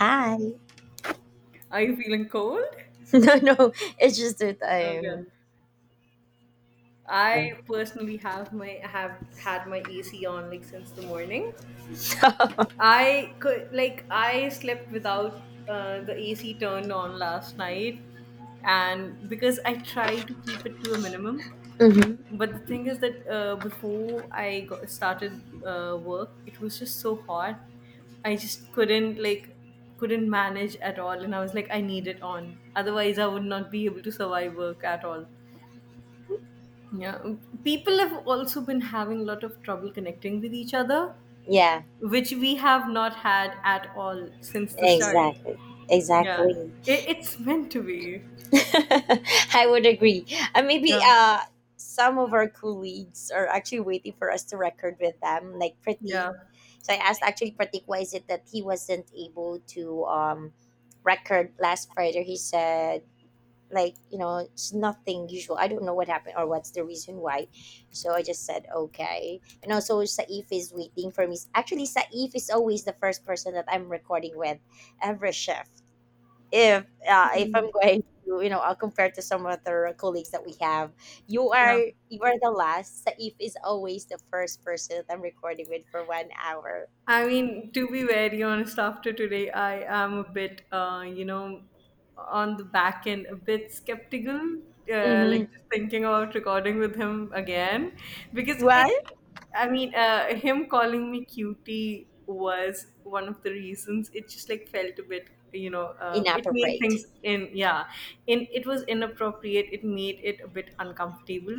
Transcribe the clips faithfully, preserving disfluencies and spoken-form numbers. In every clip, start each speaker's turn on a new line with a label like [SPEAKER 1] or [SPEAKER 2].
[SPEAKER 1] Hi.
[SPEAKER 2] Are you feeling cold?
[SPEAKER 1] No, no, it's just that
[SPEAKER 2] Okay.
[SPEAKER 1] I'm.
[SPEAKER 2] I personally have my have had my A C on, like, since the morning. I could like I slept without uh, the A C turned on last night, and because I try to keep it to a minimum.
[SPEAKER 1] Mhm.
[SPEAKER 2] But the thing is that uh, before I got started uh, work, it was just so hot. I just couldn't like couldn't manage at all, and I was like, I need it on. Otherwise, I would not be able to survive work at all. Yeah, people have also been having a lot of trouble connecting with each other,
[SPEAKER 1] Yeah,
[SPEAKER 2] which we have not had at all since the start.
[SPEAKER 1] exactly,
[SPEAKER 2] Yeah,
[SPEAKER 1] exactly.
[SPEAKER 2] it, it's meant to be.
[SPEAKER 1] I would agree. And maybe
[SPEAKER 2] Yeah,
[SPEAKER 1] uh, some of our colleagues are actually waiting for us to record with them, like Pratik.
[SPEAKER 2] yeah.
[SPEAKER 1] So I asked actually Pratik, why is it that he wasn't able to um record last Friday? He said like you know it's nothing usual. I don't know what happened or what's the reason why, so I just said okay. And also Saif is waiting for me. Actually Saif is always the first person that I'm recording with every shift. If uh, if
[SPEAKER 2] Hmm.
[SPEAKER 1] I'm going to, you know, I'll compare to some other colleagues that we have, you are,
[SPEAKER 2] Yeah.
[SPEAKER 1] you are the last. Saif is always the first person that I'm recording with for one hour.
[SPEAKER 2] I mean, to be very honest, after today, I am a bit, uh, you know, on the back end, a bit skeptical, uh,
[SPEAKER 1] Mm-hmm.
[SPEAKER 2] like just thinking about recording with him again, because it,
[SPEAKER 1] What?
[SPEAKER 2] I mean, uh, him calling me cutie was one of the reasons. It just like felt a bit, you know, uh, it made
[SPEAKER 1] Inappropriate.
[SPEAKER 2] things in, yeah, in it was inappropriate. It made it a bit uncomfortable.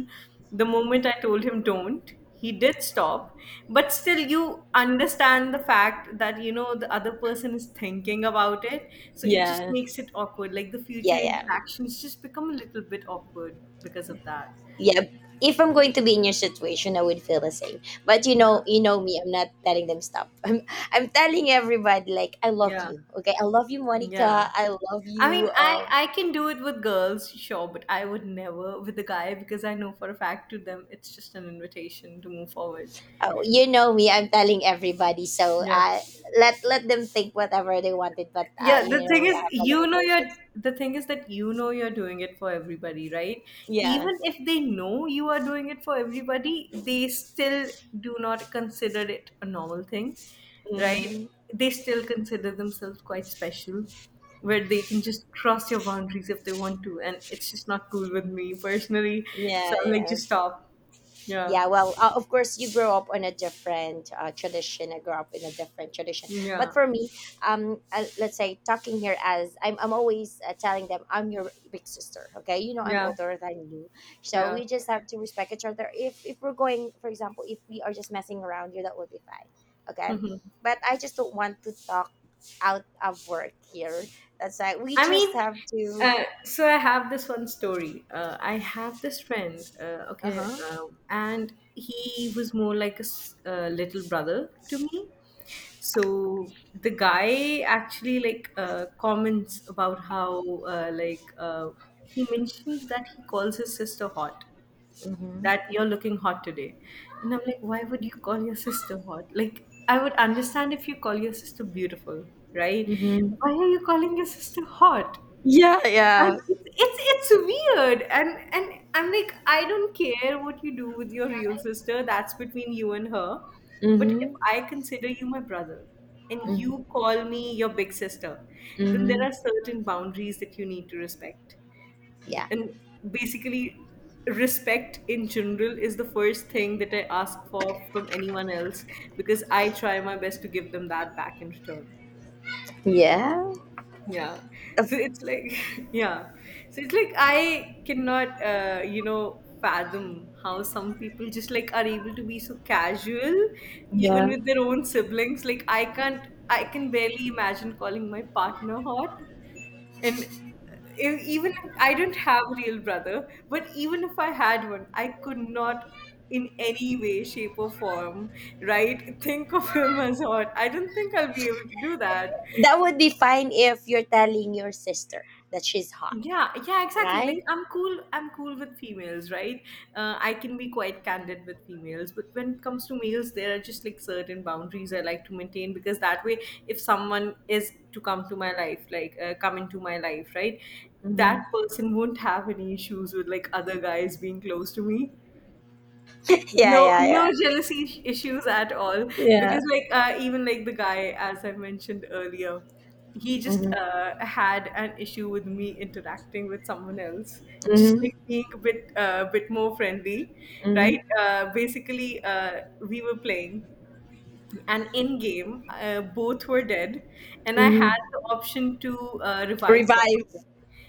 [SPEAKER 2] The moment I told him don't, he did stop, but still you understand the fact that you know the other person is thinking about it, so it just
[SPEAKER 1] Yeah,
[SPEAKER 2] makes it awkward. Like, the future
[SPEAKER 1] yeah, yeah,
[SPEAKER 2] interactions just become a little bit awkward because of that.
[SPEAKER 1] yeah. If I'm going to be in your situation I would feel the same, but you
[SPEAKER 2] Yeah,
[SPEAKER 1] know, you know me, I'm not telling them stop. i'm, I'm telling everybody like I love
[SPEAKER 2] yeah,
[SPEAKER 1] you, okay? I love you Monica,
[SPEAKER 2] yeah.
[SPEAKER 1] I love
[SPEAKER 2] I
[SPEAKER 1] you
[SPEAKER 2] mean, i
[SPEAKER 1] um
[SPEAKER 2] i can do it with girls, sure, but I would never with a guy because I know for a fact to them it's just an invitation to move forward.
[SPEAKER 1] oh, you know me, I'm telling everybody, so
[SPEAKER 2] Yeah.
[SPEAKER 1] uh let let them think whatever they wanted, but uh
[SPEAKER 2] Yeah,
[SPEAKER 1] you
[SPEAKER 2] the
[SPEAKER 1] know
[SPEAKER 2] thing
[SPEAKER 1] I
[SPEAKER 2] is,
[SPEAKER 1] have my
[SPEAKER 2] you know, you're
[SPEAKER 1] limitations.
[SPEAKER 2] the thing is that you know you're doing it for everybody, right?
[SPEAKER 1] Yeah.
[SPEAKER 2] Even if they know you are doing it for everybody, they still do not consider it a normal thing, right?
[SPEAKER 1] Hmm.
[SPEAKER 2] They still consider themselves quite special, where they can just cross your boundaries if they want to, and it's just not cool with me personally.
[SPEAKER 1] Yeah,
[SPEAKER 2] So I'm like,
[SPEAKER 1] yeah.
[SPEAKER 2] just stop. Yeah,
[SPEAKER 1] Yeah, well, uh, of course, you grow up on a different uh, tradition. I grew up in a different tradition. But
[SPEAKER 2] yeah,
[SPEAKER 1] for me, um, uh, let's say talking here, as I'm, I'm always uh, telling them I'm your big sister. Okay, you know I'm
[SPEAKER 2] yeah,
[SPEAKER 1] older than you, so
[SPEAKER 2] yeah.
[SPEAKER 1] we just have to respect each other. If if we're going, for example, if we are just messing around, you, that would be fine. Okay, but I just don't want to talk out of work here. That's why we
[SPEAKER 2] I
[SPEAKER 1] just
[SPEAKER 2] mean,
[SPEAKER 1] have to.
[SPEAKER 2] uh, so I have this one story. Uh, I have this friend, uh,
[SPEAKER 1] Uh
[SPEAKER 2] okay,
[SPEAKER 1] huh.
[SPEAKER 2] um, and he was more like a s- uh, little brother to me. So the guy actually like uh, comments about how uh, like uh, he mentioned that he calls his sister hot,
[SPEAKER 1] Mm-hmm.
[SPEAKER 2] that you're looking hot today, and I'm like, why would you call your sister hot? Like, I would understand if you call your sister beautiful, right?
[SPEAKER 1] Mm-hmm.
[SPEAKER 2] Why are you calling your sister hot?
[SPEAKER 1] Yeah. Yeah.
[SPEAKER 2] And it's, it's it's weird, and and I'm like, I don't care what you do with your real sister. That's between you and her. But if
[SPEAKER 1] Mm-hmm.
[SPEAKER 2] I consider you my brother, and you call me your big sister, then there
[SPEAKER 1] Mm-hmm.
[SPEAKER 2] are certain boundaries that you need to respect.
[SPEAKER 1] Yeah.
[SPEAKER 2] And basically, respect in general is the first thing that I ask for from anyone else because I try my best to give them that back in return.
[SPEAKER 1] Yeah.
[SPEAKER 2] Yeah. So
[SPEAKER 1] Of-
[SPEAKER 2] it's like, yeah. So it's like I cannot, uh, you know, fathom how some people just like are able to be so casual, even
[SPEAKER 1] Yeah.
[SPEAKER 2] with their own siblings. Like, I can't, I can barely imagine calling my partner hot. And uh, if, even if I don't have a real brother, but even if I had one, I could not in any way, shape, or form, right? Think of him as hot. I don't think I'll be able to do that.
[SPEAKER 1] That would be fine if you're telling your sister that she's hot,
[SPEAKER 2] Yeah, yeah, exactly. Like,
[SPEAKER 1] right?
[SPEAKER 2] I'm cool. I'm cool with females, right? Uh, I can be quite candid with females, but when it comes to males, there are just like certain boundaries I like to maintain, because that way, if someone is to come to my life, like uh, come into my life, right,
[SPEAKER 1] Hmm.
[SPEAKER 2] that person won't have any issues with like other guys being close to me.
[SPEAKER 1] Yeah,
[SPEAKER 2] No,
[SPEAKER 1] yeah,
[SPEAKER 2] no
[SPEAKER 1] yeah.
[SPEAKER 2] jealousy ish- issues at all.
[SPEAKER 1] Yeah.
[SPEAKER 2] Because like uh, even like the guy, as I mentioned earlier, he just
[SPEAKER 1] Mm-hmm.
[SPEAKER 2] uh, had an issue with me interacting with someone else, just
[SPEAKER 1] Mm-hmm.
[SPEAKER 2] like being a bit uh, bit more friendly, right?
[SPEAKER 1] Mm-hmm.
[SPEAKER 2] Uh, basically, uh, we were playing. And in game, uh, both were dead, and I
[SPEAKER 1] Mm-hmm.
[SPEAKER 2] had the option to uh, revive one of
[SPEAKER 1] Revive
[SPEAKER 2] them.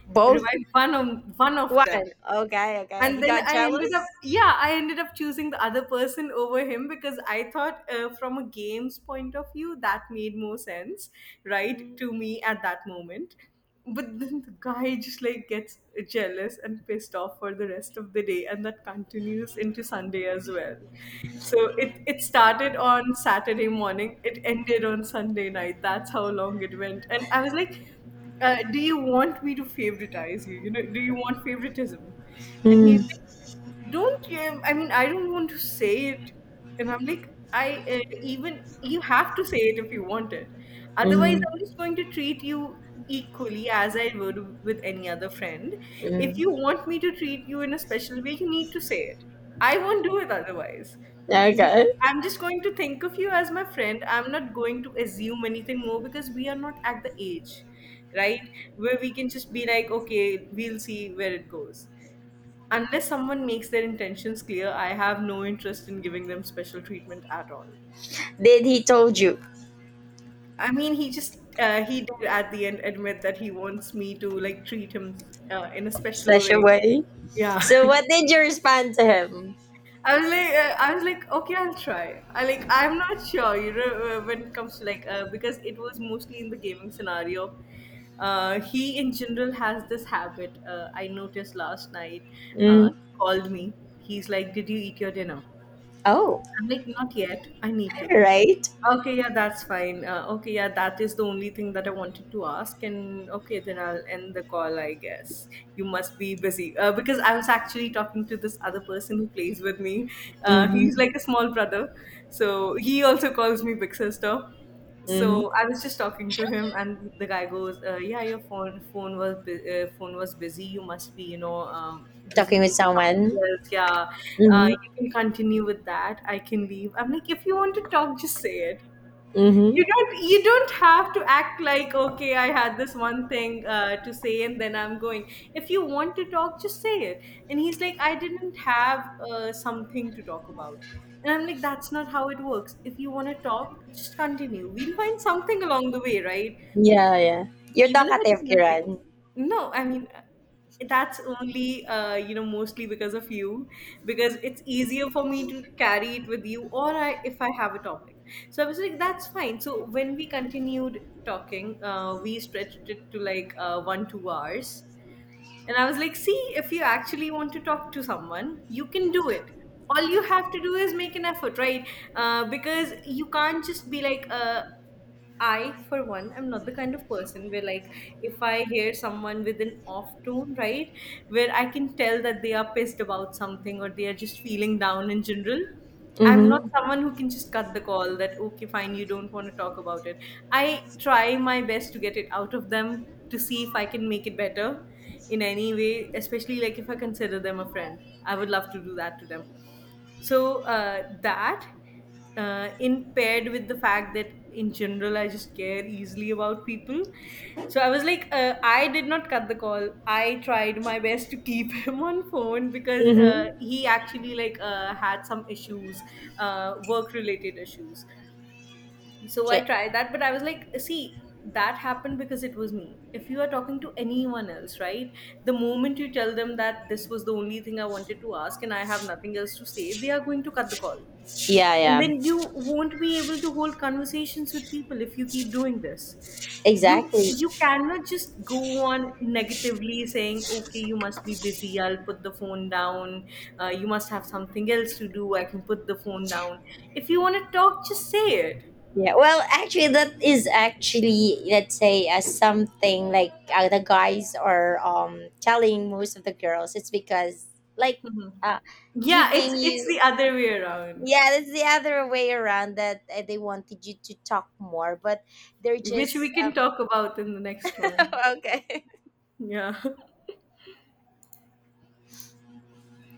[SPEAKER 1] both.
[SPEAKER 2] Revive one of one of
[SPEAKER 1] One.
[SPEAKER 2] them,
[SPEAKER 1] Okay, okay.
[SPEAKER 2] and
[SPEAKER 1] He
[SPEAKER 2] then
[SPEAKER 1] got
[SPEAKER 2] I ended up,
[SPEAKER 1] jealous?
[SPEAKER 2] yeah, I ended up choosing the other person over him because I thought, uh, from a game's point of view that made more sense, right,
[SPEAKER 1] Mm-hmm.
[SPEAKER 2] to me at that moment. But then the guy just like gets jealous and pissed off for the rest of the day, and that continues into Sunday as well. So it it started on Saturday morning, it ended on Sunday night. That's how long it went, and I was like, uh, do you want me to favoritize you? You know, do you want favoritism? And he's like, don't you? I mean, I don't want to say it. And I'm like, I uh, even you have to say it if you want it. Otherwise,
[SPEAKER 1] Mm-hmm.
[SPEAKER 2] I'm just going to treat you equally as I would with any other friend. If you
[SPEAKER 1] Mm-hmm.
[SPEAKER 2] want me to treat you in a special way, you need to say it. I won't do it otherwise. Because
[SPEAKER 1] Okay.
[SPEAKER 2] I'm just going to think of you as my friend. I'm not going to assume anything more because we are not at the age, right? Where we can just be like, okay, we'll see where it goes. Unless someone makes their intentions clear, I have no interest in giving them special treatment at all.
[SPEAKER 1] Did he told you
[SPEAKER 2] I mean, he just uh, he did at the end admit that he wants me to like treat him uh, in a special
[SPEAKER 1] such a
[SPEAKER 2] way.
[SPEAKER 1] way?
[SPEAKER 2] Yeah.
[SPEAKER 1] So what did you respond to him?
[SPEAKER 2] I was like, uh, I was like, okay, I'll try. I like, I'm not sure, you know, uh, when it comes to like, uh, because it was mostly in the gaming scenario. Uh, he in general has this habit. Uh, I noticed last night. Uh,
[SPEAKER 1] Mm-hmm.
[SPEAKER 2] he called me. He's like, "Did you eat your dinner?"
[SPEAKER 1] Oh,
[SPEAKER 2] I'm like, not yet. I need to.
[SPEAKER 1] right.
[SPEAKER 2] Okay, yeah, that's fine. Uh, okay, yeah, that is the only thing that I wanted to ask. And okay, then I'll end the call, I guess. You must be busy. Uh, because I was actually talking to this other person who plays with me. Uh, he's like
[SPEAKER 1] Mm-hmm.
[SPEAKER 2] a small brother. So he also calls me Big Sister,
[SPEAKER 1] Mm-hmm.
[SPEAKER 2] so I was just talking to him, and the guy goes, uh, "Yeah, your phone phone was bu- uh, phone was busy. You must be, you know, um,
[SPEAKER 1] Talking
[SPEAKER 2] busy
[SPEAKER 1] with
[SPEAKER 2] doing something
[SPEAKER 1] someone.
[SPEAKER 2] else. Yeah, uh,
[SPEAKER 1] Mm-hmm.
[SPEAKER 2] you can continue with that. I can leave." I'm like, "If you want to talk, just say it. You
[SPEAKER 1] Mhm.
[SPEAKER 2] don't you don't have to act like okay I had this one thing uh, to say and then I'm going. If you want to talk, just say it." And he's like, I didn't have uh, something to talk about. And I'm like, that's not how it works. If you want to talk, just continue. We'll find something along the way, right?
[SPEAKER 1] Yeah, yeah. You're
[SPEAKER 2] Even if it's
[SPEAKER 1] talkative,
[SPEAKER 2] nothing.
[SPEAKER 1] Kiran.
[SPEAKER 2] No, I mean, uh, that's only uh, you know, mostly because of you, because it's easier for me to carry it with you, or I, if I have a topic. So I was like, that's fine. So when we continued talking, uh, we stretched it to like uh, one two hours. And I was like, see, if you actually want to talk to someone, you can do it. All you have to do is make an effort, right? Uh, because you can't just be like, uh, I, for one, am not the kind of person where, like, if I hear someone with an off tone, right, where I can tell that they are pissed about something or they are just feeling down in general, I'm not
[SPEAKER 1] Mhm.
[SPEAKER 2] someone who can just cut the call that, okay, fine, you don't want to talk about it. I try my best to get it out of them to see if I can make it better in any way, especially like if I consider them a friend. I would love to do that to them. So uh, that, uh, in paired with the fact that in general I just care easily about people. So I was like, uh, I did not cut the call. I tried my best to keep him on phone because uh,
[SPEAKER 1] Mhm.
[SPEAKER 2] he actually like uh, had some issues, uh, work related issues. So I
[SPEAKER 1] Ch-
[SPEAKER 2] tried that, but I was like, see, that happened because it was me. If you are talking to anyone else, right, the moment you tell them that this was the only thing I wanted to ask and I have nothing else to say, they are going to cut the call.
[SPEAKER 1] Yeah,
[SPEAKER 2] And
[SPEAKER 1] yeah.
[SPEAKER 2] then you won't be able to hold conversations with people if you keep doing this. You
[SPEAKER 1] Exactly.
[SPEAKER 2] you cannot just go on negatively saying, okay, you must be busy, I'll put the phone down. uh, you must have something else to do, I can put the phone down. If you want to talk, just say it.
[SPEAKER 1] Yeah. Well, actually, that is actually, let's say uh, something like uh, the guys are um telling most of the girls. It's because like
[SPEAKER 2] Mhm.
[SPEAKER 1] uh
[SPEAKER 2] Yeah, it's
[SPEAKER 1] giving
[SPEAKER 2] it's
[SPEAKER 1] you,
[SPEAKER 2] the other way around,
[SPEAKER 1] yeah, that's the other way around, that uh, they wanted you to talk more, but they're
[SPEAKER 2] which
[SPEAKER 1] just
[SPEAKER 2] we can
[SPEAKER 1] um,
[SPEAKER 2] talk about in the next one.
[SPEAKER 1] okay.
[SPEAKER 2] Yeah.